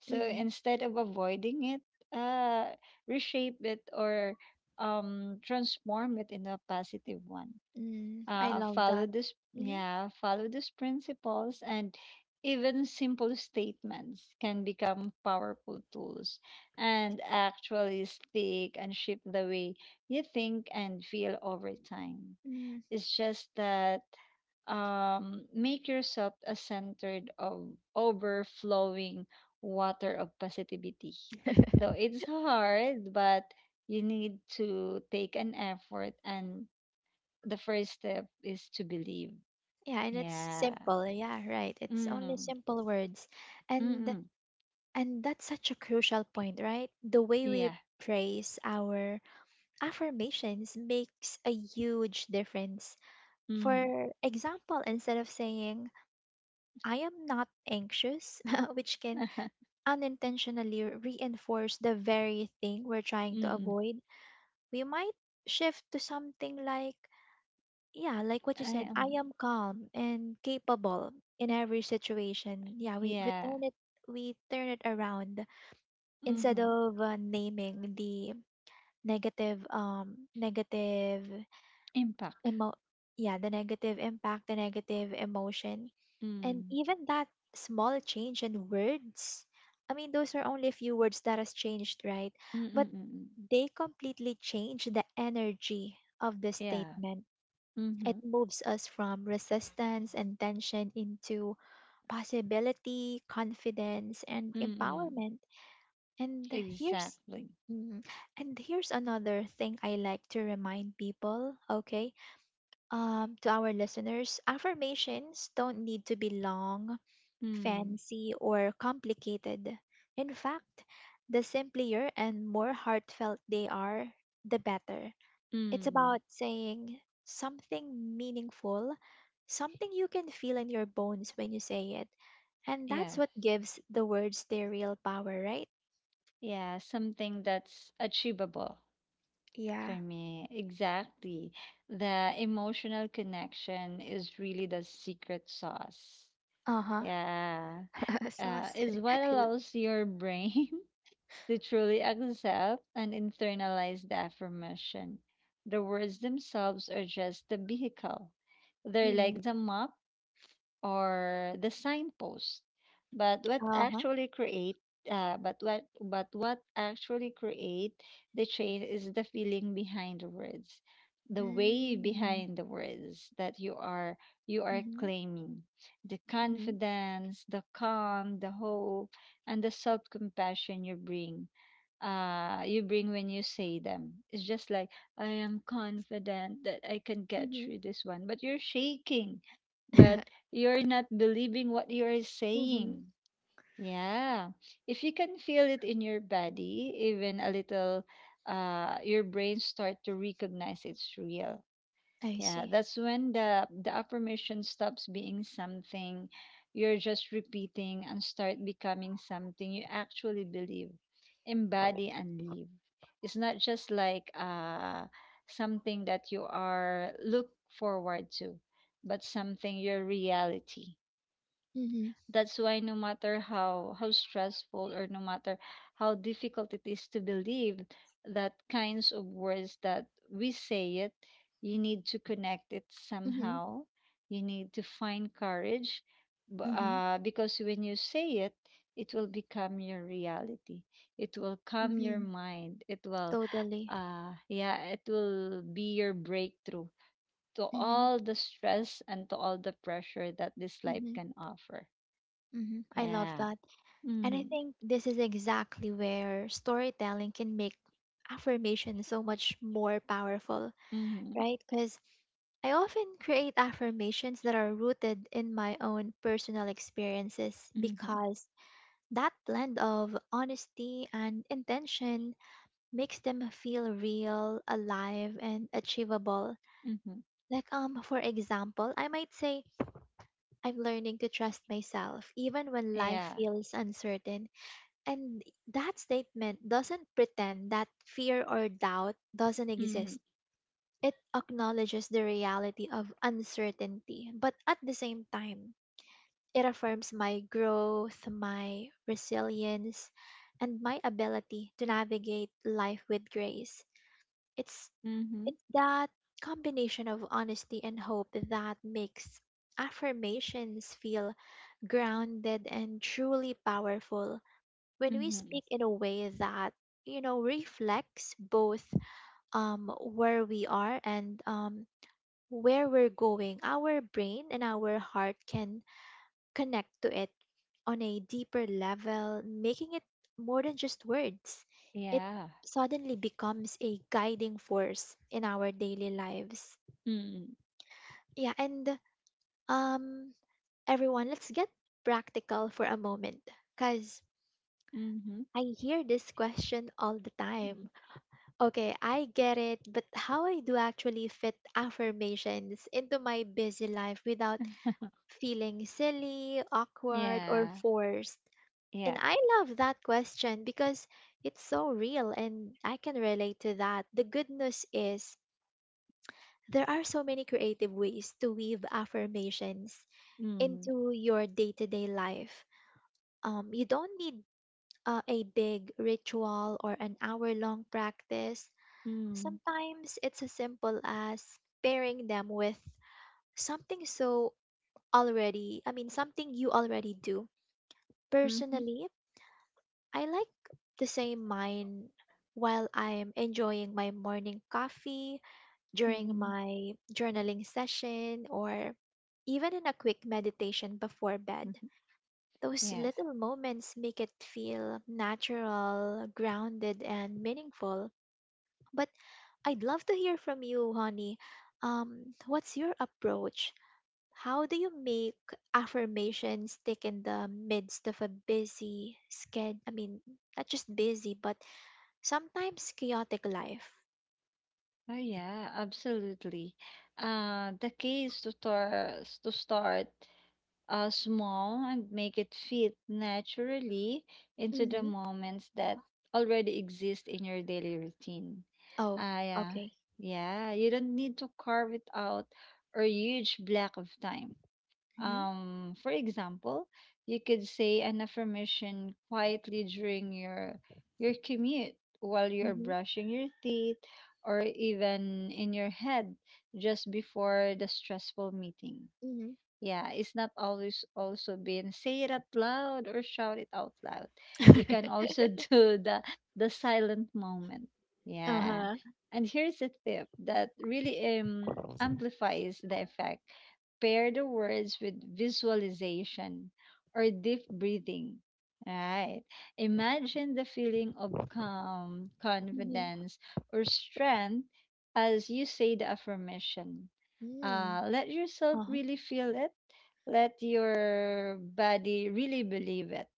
So instead of avoiding it, uh, reshape it or transform it into a positive one.
mm-hmm, I love that. Mm-hmm.
Follow these principles, and even simple statements can become powerful tools and actually stick and shape the way you think and feel over time.
Mm
It's just that make yourself a centered of overflowing water of positivity.
hmm.
Though it's hard, but you need to take an effort, and the first step is to believe.
Yeah, and it's
Yeah.
simple. Yeah, right. It's only
Mm.
simple words. And
Mm.
and that's such a crucial point, right? The way we
Yeah.
praise our affirmations makes a huge difference.
Mm.
For example, instead of saying I am not anxious, which can unintentionally reinforce the very thing we're trying to
Mm.
avoid, we might shift to something like, yeah, like what you
I
said, I
am.
am calm and capable in every situation. Yeah,
Yeah.
we turn it around, instead
Mm.
of naming the negative negative
Impact.
emo yeah, the negative impact, the negative emotion, and
Mm.
even that small change in words. I mean, those are only a few words that has changed, right?
Mm. Mm.
But
Mm. Mm.
they completely change the energy of the
Yeah.
statement. It
Mm.
moves us from resistance and tension into possibility, confidence, and
Mm.
empowerment. And here's
Exactly.
mm, here's another thing I like to remind people, okay? To our listeners, affirmations don't need to be long,
Mm.
fancy, or complicated. In fact, the simpler and more heartfelt they are, the better. It's
Mm.
about saying something meaningful, something you can feel in your bones when you say it. And that's
Yeah.
what gives the words their real power, right?
Yeah. Something that's achievable
Yeah.
for me. Exactly. The emotional connection is really the secret sauce.
Uh huh.
Yeah.
Sauce.
Is
I
what
l-
allows your brain to truly accept and internalize the affirmation. The words themselves are just the vehicle. They're
mm,
like the map or the signpost. But what
uh huh.
actually create but what actually create the change is the feeling behind the words, the way
Mm.
behind the words that you are
Mm-hmm.
claiming, the
Mm-hmm.
confidence, the calm, the hope, and the self compassion you bring when you say them. It's just like I am confident that I can get
Mm-hmm.
through this one, but you're shaking. But you're not believing what you're
Mm-hmm.
saying. Yeah. If you can feel it in your body, even a little your brain start to recognize it's real.
I
Yeah,
see.
that's when the affirmation stops being something you're just repeating and start becoming something you actually believe, embody and live. It's not just like something that you are look forward to, but something your reality.
Mm-hmm.
That's why no matter how stressful or no matter how difficult it is to believe that kinds of words that we say it, you need to connect it
Mm-hmm.
somehow. You need to find courage
Mm-hmm.
because when you say it, it will become your reality. It will calm your
Mm-hmm.
mind. It will
Totally.
yeah, it will be your breakthrough to
Mm-hmm.
all the stress and to all the pressure that this life
Mm-hmm.
can offer.
Mm-hmm. I love
Yeah.
that. And I
Mhm.
think this is exactly where storytelling can make affirmation so much more powerful,
Mhm.
right? Because I often create affirmations that are rooted in my own personal experiences,
Mhm.
because that blend of honesty and intention makes them feel real, alive, and achievable.
Mhm.
Like for example, I might say I'm learning to trust myself even when
Yeah.
life feels uncertain, and that statement doesn't pretend that fear or doubt doesn't
Mhm.
exist. It acknowledges the reality of uncertainty, but at the same time, it affirms my growth, my resilience, and my ability to navigate life with grace. It's
Mhm.
it's that combination of honesty and hope that makes affirmations feel grounded and truly powerful. When we
Mhm.
speak in a way that reflects both where we are and where we're going, our brain and our heart can connect to it on a deeper level, making it more than just words. It
Yeah.
suddenly becomes a guiding force in our daily lives.
Mhm.
Yeah, and um everyone, let's get practical for a moment, because
Mhm.
I hear this question all the
Mhm.
time. Okay, I get it, but how I do actually fit affirmations into my busy life without feeling silly, awkward, or
Yeah.
forced? And
Yeah.
I love that question because it's so real and I can relate to that. The good news is there are so many creative ways to weave affirmations
Mhm.
into your day to day life. You don't need a big ritual or an hour long practice.
Mhm.
Sometimes it's as simple as pairing them with something so I mean, something you already do.
Mhm.
Personally, I like the same mine while I'm enjoying my morning coffee, during
Mhm.
my journaling session, or even in a quick meditation before bed.
Mhm.
Those
Yeah.
little moments make it feel natural, grounded, and meaningful. But I'd love to hear from you, honey. What's your approach? How do you make affirmations stick in the midst of a busy sched? I mean, not just busy, but sometimes chaotic life.
Oh yeah, absolutely. The key is to start small and make it fit naturally into the
Mm-hmm.
moments that already exist in your daily routine.
Oh,
Ah, yeah.
okay.
Yeah, you don't need to carve it out or huge block of time.
Mm-hmm.
For example, you could say an affirmation quietly during your commute while you're
Mm-hmm.
brushing your teeth or even in your head just before the stressful meeting.
Mm-hmm.
Yeah, it's not always also been say it out loud or shout it out loud. You can also do the silent moment. Yeah.
Uh-huh.
And here's a tip that really amplifies the effect. Pair the words with visualization or deep breathing. Right. Imagine the feeling of calm,
Mm-hmm.
confidence, or strength as you say the affirmation,
Mm.
let yourself
Uh-huh.
really feel it. Let your body really believe it.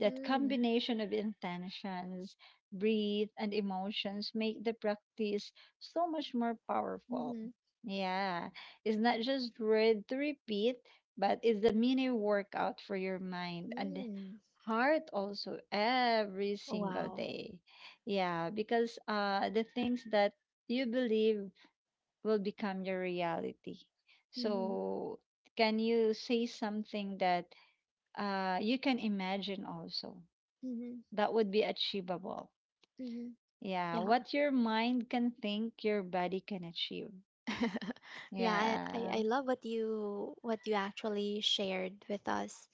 That
Mm.
combination of intentions, breathe, and emotions make the practice so much more powerful.
Mm-hmm.
Yeah, it's not just word to repeat, but it's a mini workout for your mind and
Mm.
heart also every single
Wow.
day. Yeah, because the things that you believe will become your reality.
Mm-hmm.
So, can you say something that you can imagine also
Mm-hmm.
that would be achievable?
Mm-hmm.
Yeah,
Yeah.
what your mind can think, your body can achieve.
Yeah, I, I,
Yeah.
I love what you actually shared with us.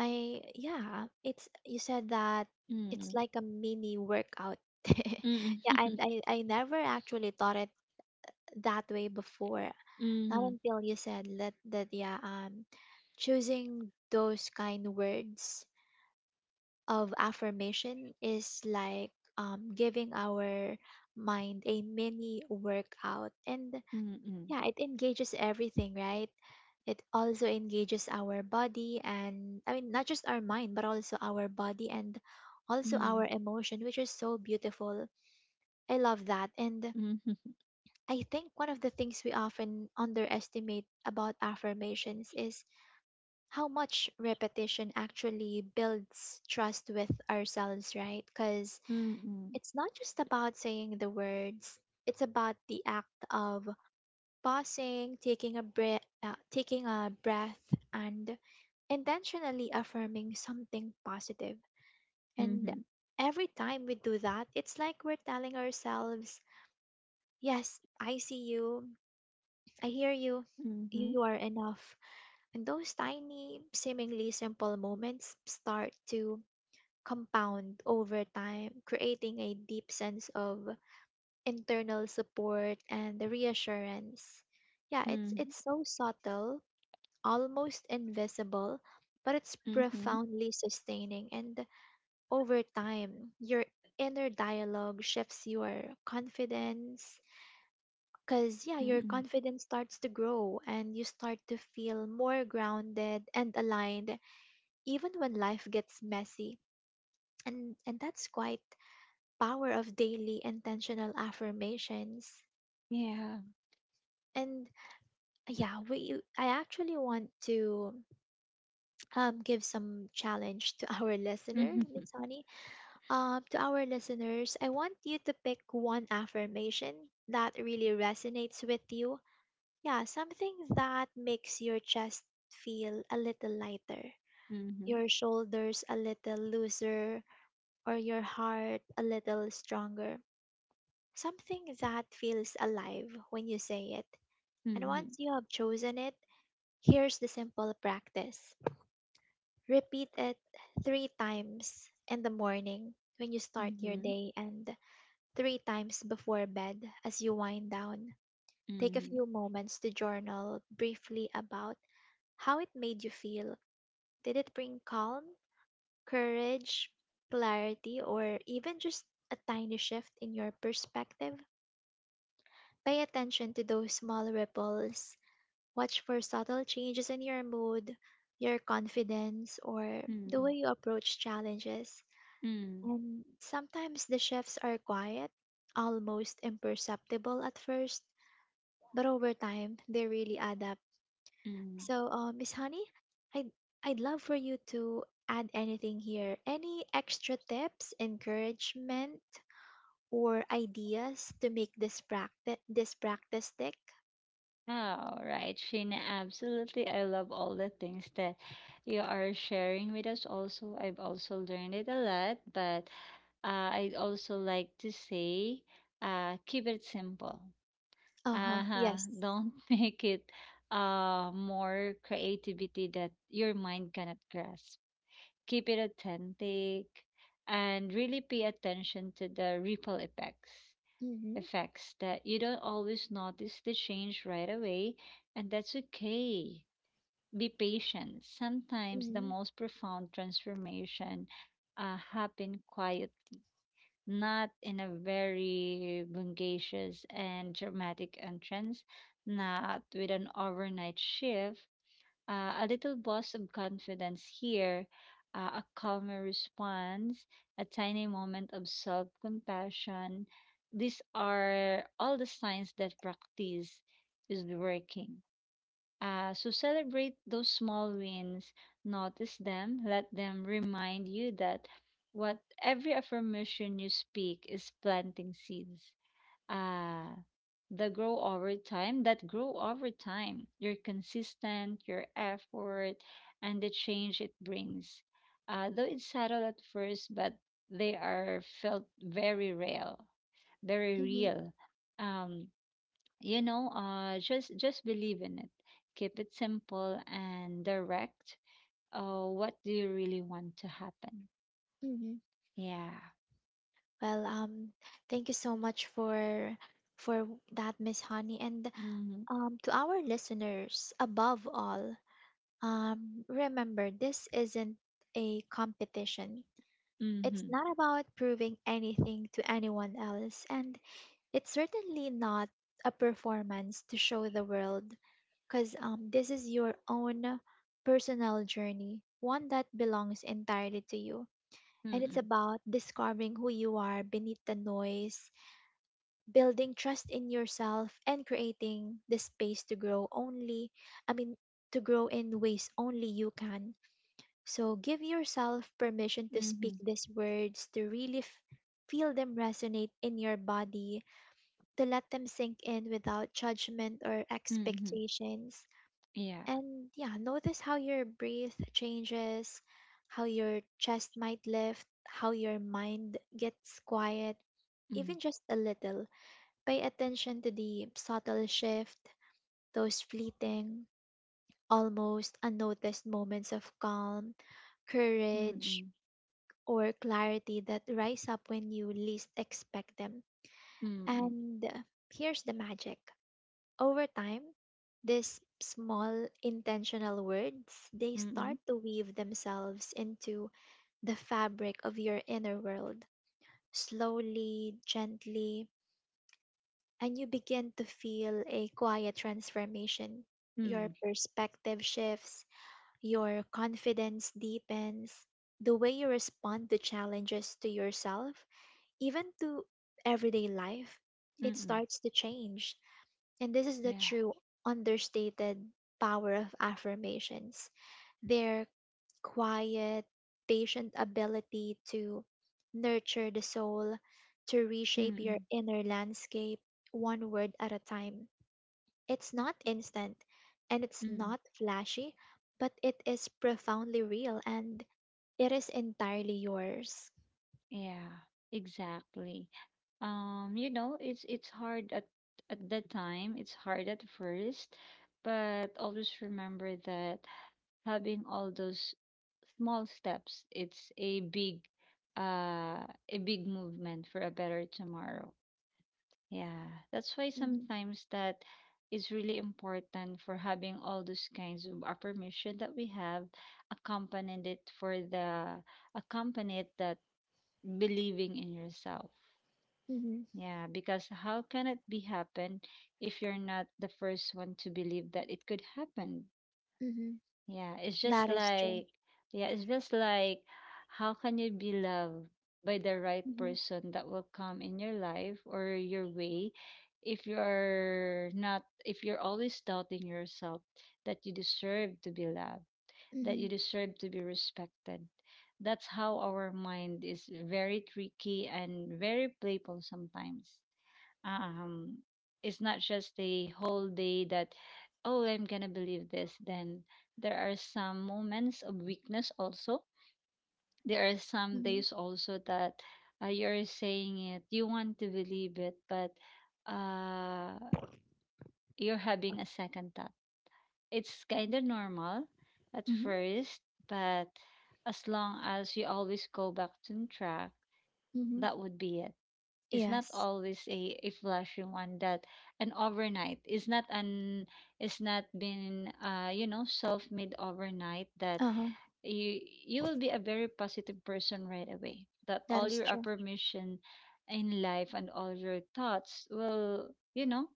I Yeah, it's you said that it's
Mm-mm.
like a mini workout.
Mm-mm.
Yeah, and I never actually thought it that way before. Not until you said that, yeah, choosing those kind words of affirmation is like giving our mind a mini workout. And
Mm-hmm.
yeah, it engages everything, right? It also engages our body, and I mean not just our mind, but also our body, and also our emotion, which is so beautiful. I love that. And
Mm-mm.
I think one of the things we often underestimate about affirmations is how much repetition actually builds trust with ourselves, right? Because it's not just about saying the words, it's about the act of pausing, taking a breath, and intentionally affirming something positive. And
Mm-mm.
every time we do that, it's like we're telling ourselves, "Yes, I see you. I hear you.
Mm-hmm. Mm-mm.
You are enough." And those tiny, seemingly simple moments start to compound over time, creating a deep sense of internal support and reassurance. Yeah, it's
Mm-hmm. Mm-hmm.
it's so subtle, almost invisible, but it's
Mm-hmm. Mm-hmm.
profoundly sustaining. And over time, your inner dialogue shifts, your confidence, because, yeah, your
Mm-hmm.
confidence starts to grow and you start to feel more grounded and aligned, even when life gets messy. And that's quite power of daily intentional affirmations.
Yeah.
And yeah, we I actually want to give some challenge to our listener,
Mm-hmm.
Miss Honey. To our listeners, I want you to pick one affirmation that really resonates with you. Yeah, something that makes your chest feel a little lighter,
Mm-hmm.
your shoulders a little looser, or your heart a little stronger. Something that feels alive when you say it. And
Mm-hmm.
once you have chosen it, here's the simple practice, repeat it three times in the morning when you start your
Mm-hmm.
day, and three times before bed as you wind down. Take a
Mm-hmm.
few moments to journal briefly about how it made you feel. Did it bring calm, courage, clarity, or even just a tiny shift in your perspective? Pay attention to those small ripples. Watch for subtle changes in your mood, your confidence, or
Mm-hmm.
the way you approach challenges. And sometimes the shifts are quiet, almost imperceptible at first, but over time they really add up.
Mm-hmm.
So, Miss Honey, I'd I'd love for you to add anything here. Any extra tips, encouragement, or ideas to make this practice stick?
All right, Sheena, absolutely. I love all the things that you are sharing with us. Also, I've also learned it a lot, but I'd also like to say, keep it simple.
Uh huh.
Uh-huh.
Yes.
Don't make it more creativity that your mind cannot grasp. Keep it authentic and really pay attention to the ripple effects
Mhm.
effects that you don't always notice the change right away, and that's okay. Be patient. Sometimes the
Mhm.
most profound transformation happen quietly, not in a very vivacious and dramatic entrance, not with an overnight shift, a little burst of confidence here, a calmer response, a tiny moment of self compassion. These are all the signs that practice is working. So celebrate those small wins, notice them, let them remind you that what every affirmation you speak is planting seeds uh the grow over time that grow over time, your consistent your effort and the change it brings, though it's subtle at first, but they are felt very real, very
Mhm.
real um you know, just believe in it. Keep it simple and direct. What do you really want to happen?
Mhm.
Yeah.
Well, thank you so much for that, Miss Honey, and
Mm-hmm.
to our listeners. Above all, remember, this isn't a competition. It's
Mm-hmm.
not about proving anything to anyone else, and it's certainly not a performance to show the world, because this is your own personal journey, one that belongs entirely to you. And it's
Mm-hmm.
about discovering who you are beneath the noise, building trust in yourself, and creating the space to grow only, I mean, to grow in ways only you can. So give yourself permission to speak
Mm-hmm.
these words, to really feel them resonate in your body, to let them sink in without judgment or
Mm-hmm.
expectations.
Yeah.
And yeah, notice how your breath changes, how your chest might lift, how your mind gets quiet,
Mm-hmm.
even just a little. Pay attention to the subtle shift, those fleeting, almost unnoticed moments of calm, courage,
Mm,
or clarity that rise up when you least expect them.
mm,
And here's the magic. Over time, these small intentional words, they
mm,
start to weave themselves into the fabric of your inner world, slowly, gently, and you begin to feel a quiet transformation. Your
mm,
perspective shifts, your confidence deepens, the way you respond to challenges, to yourself, even to everyday life, it
mm,
starts to change. And this is the
yeah,
true understated power of affirmations. Their quiet, patient ability to nurture the soul, to reshape your
mm,
inner landscape one word at a time. It's not instant and it's
mm,
not flashy, but it is profoundly real and it is entirely yours.
yeah, exactly. You know, it's hard at that time. It's hard at first, but always remember that having all those small steps, it's uh, a big movement for a better tomorrow. Yeah, that's why
Mm-hmm.
sometimes that is really important for having all those kinds of affirmation that we have accompanied it for the accompanied that believing in yourself.
Mm-hmm.
Yeah, because how can it be happen if you're not the first one to believe that it could happen?
Mm-hmm.
Yeah, it's just
That is true.
like, how can you be loved by the right
Mm-hmm.
person that will come in your life or your way if you're not, if you're always doubting yourself that you deserve to be loved, that you
Mhm,
deserve to be respected? That's how our mind is very tricky and very playful sometimes. um it's not just the whole day that, oh, I'm gonna believe this. Then there are some moments of weakness also. There are some
mhm,
days also that, you're saying it, you want to believe it, but uh you're having a second thought. It's kind of normal at
mhm,
first, but as long as you always go back to track,
mhm.
that would be it. Is not
Yes.
always a flashy one, that an overnight, is not been, you know, self made overnight, that
Uh-huh.
you you will be a very positive person right away, that
That
all
is
your
true.
affirmation in life and all your thoughts will, you know,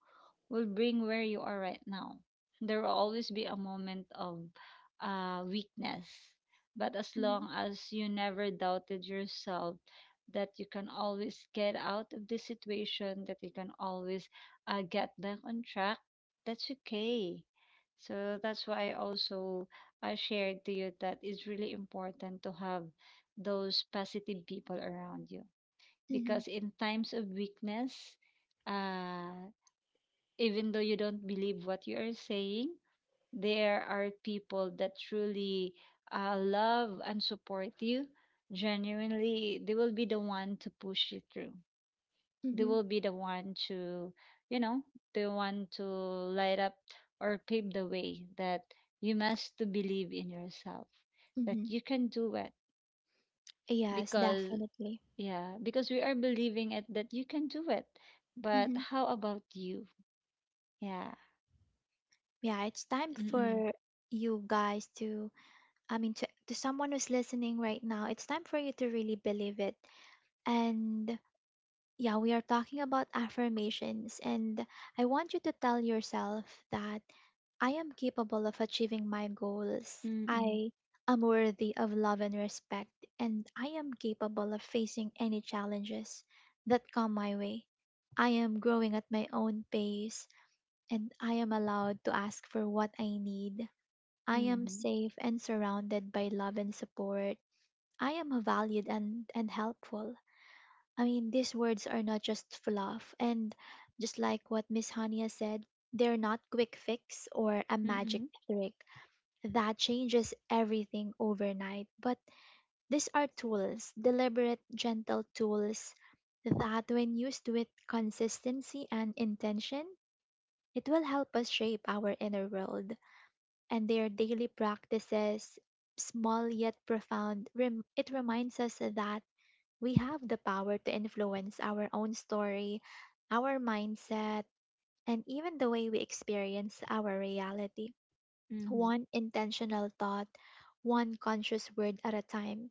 will bring where you are right now. There will always be a moment of weakness, but as
Mhm,
long as you never doubted yourself that you can always get out of this situation, that you can always get back on track, that's okay. So that's why I also, I shared to you that it's really important to have those positive people around you,
mhm,
because in times of weakness, uh, even though you don't believe what you are saying, there are people that truly love and support you. Genuinely, they will be the one to push you through. They
mhm,
will be the one to, you know, the one to light up or pave the way that you must to believe in yourself, that
mhm.
you can do it.
Yes,
Because
definitely.
yeah, because we are believing it that you can do it, but
Mhm.
how about you? Yeah.
Yeah, it's time
Mm-mm.
for you guys to, I mean, to someone who's listening right now, it's time for you to really believe it. And yeah, we are talking about affirmations, and I want you to tell yourself that I am capable of achieving my goals.
Mm-mm.
I am worthy of love and respect, and I am capable of facing any challenges that come my way. I am growing at my own pace, and I am allowed to ask for what I need. I am
Mm-hmm.
safe and surrounded by love and support. I am valued and helpful. I mean, these words are not just fluff, and just like what Miss Hania said, they're not quick fix or a magic trick that changes everything overnight. But these are tools, deliberate, gentle tools that, when used with consistency and intention, it will help us shape our inner world. And their daily practices, small yet profound, it reminds us that we have the power to influence our own story, our mindset, and even the way we experience our reality.
Mm-hmm.
One intentional thought, one conscious word at a time.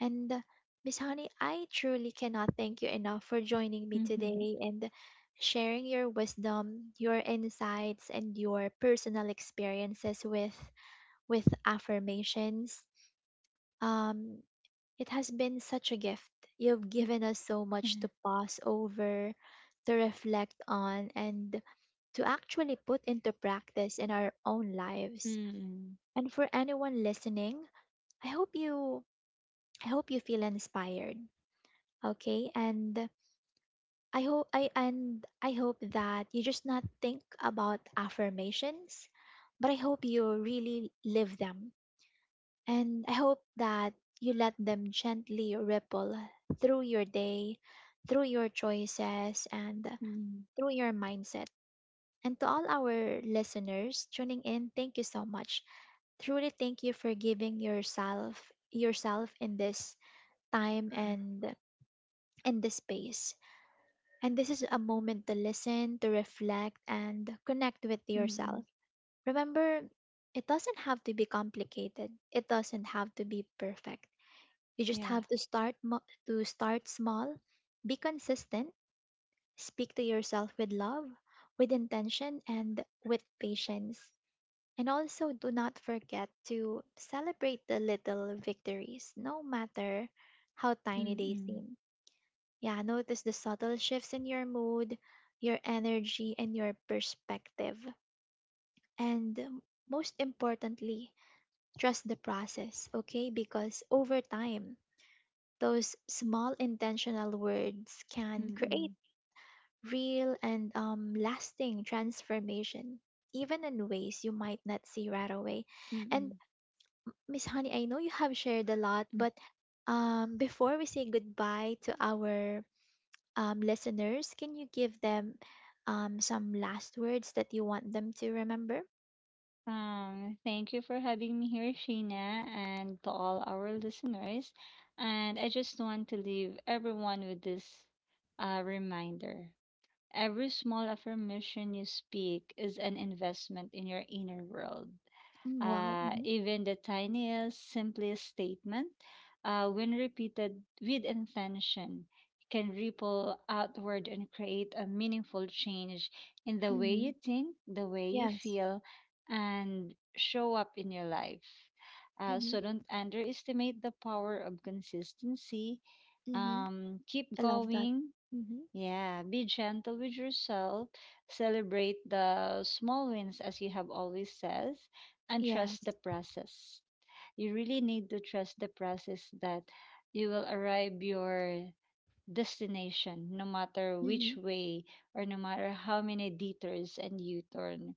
And Miss Honey, I truly cannot thank you enough for joining me
Mm-hmm.
today and sharing your wisdom, your insights, and your personal experiences with affirmations. Um, it has been such a gift. You've given us so much to pause over, to reflect on, and to actually put into practice in our own lives. And for anyone listening, I hope you I hope you feel inspired. Okay? And I hope that you just not think about affirmations, but I hope you really live them. And I hope that you let them gently ripple through your day, through your choices, and through your mindset. And to all our listeners tuning in, thank you so much. Truly thank you for giving yourself in this time and in this space. And this is a moment to listen, to reflect, and connect with
Mm-hmm.
yourself. Remember, it doesn't have to be complicated. It doesn't have to be perfect. You
Yeah.
just
Mm-mm. Mm-mm. Mm-mm. Yeah.
have to to start small, be consistent, speak to yourself with love, with intention, and with patience. And also do not forget to celebrate the little victories no matter how tiny they
Mm-mm.
seem. Yeah, notice the subtle shifts in your mood, your energy, and your perspective. And most importantly, trust the process, okay? Because over time, those small intentional words can create
Mm-mm.
real and lasting transformation, even in ways you might not see right away. And
Mm-mm.
Miss Honey, I know you have shared a lot, but before we say goodbye to our listeners, can you give them some last words that you want them to remember?
Thank you for having me here, Sheena, and to all our listeners. And I just want to leave everyone with this reminder. Every small affirmation you speak is an investment in your inner world.
Mm, wow. Hmm.
Even the tiniest, simplest statement, when repeated with intention, can ripple outward and create a meaningful change in the way you
Hmm.
think, the way you
Yes.
feel, and show up in your life. Uh,
Hmm.
so don't underestimate the power of consistency.
Hmm.
Keep
I love that.
going,
Hmm.
yeah, be gentle with yourself, celebrate the small wins as you have always says, and trust
Yes.
the process. You really need to trust the process that you will arrive your destination no matter which
Hmm.
way or no matter how many detours and U-turn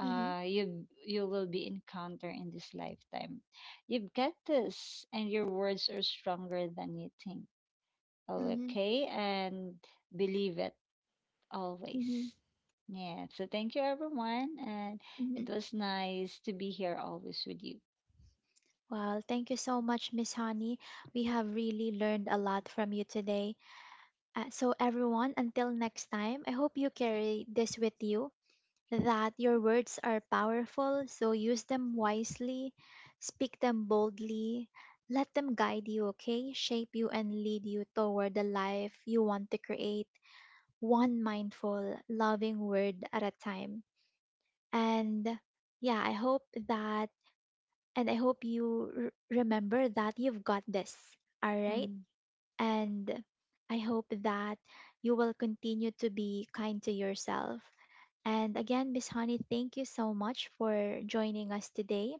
Hmm.
you will be encounter in this lifetime. You've got this and your words are stronger than you think.
Hmm.
Okay, and believe it.
Mm-hmm.
Always. Yeah. So thank you, everyone. And
Mm-hmm.
it was nice to be here always with you.
Well, thank you so much, Miss Honey. We have really learned a lot from you today. So, everyone, until next time, I hope you carry this with you, that your words are powerful, so use them wisely, speak them boldly, let them guide you, okay? Shape you and lead you toward the life you want to create, one mindful, loving word at a time. And yeah, I hope that, and I hope you r- remember that you've got this. All right.
Mm.
And I hope that you will continue to be kind to yourself. And again, Miss Honey, thank you so much for joining us today.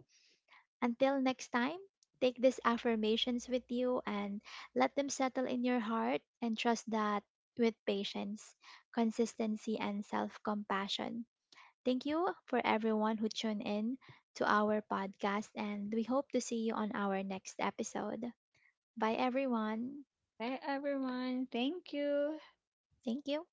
Until next time, take these affirmations with you and let them settle in your heart, and trust that with patience, consistency, and self compassion. Thank you for everyone who tuned in to our podcast, and we hope to see you on our next episode. Bye, everyone.
Bye, everyone. Thank you.
Thank you.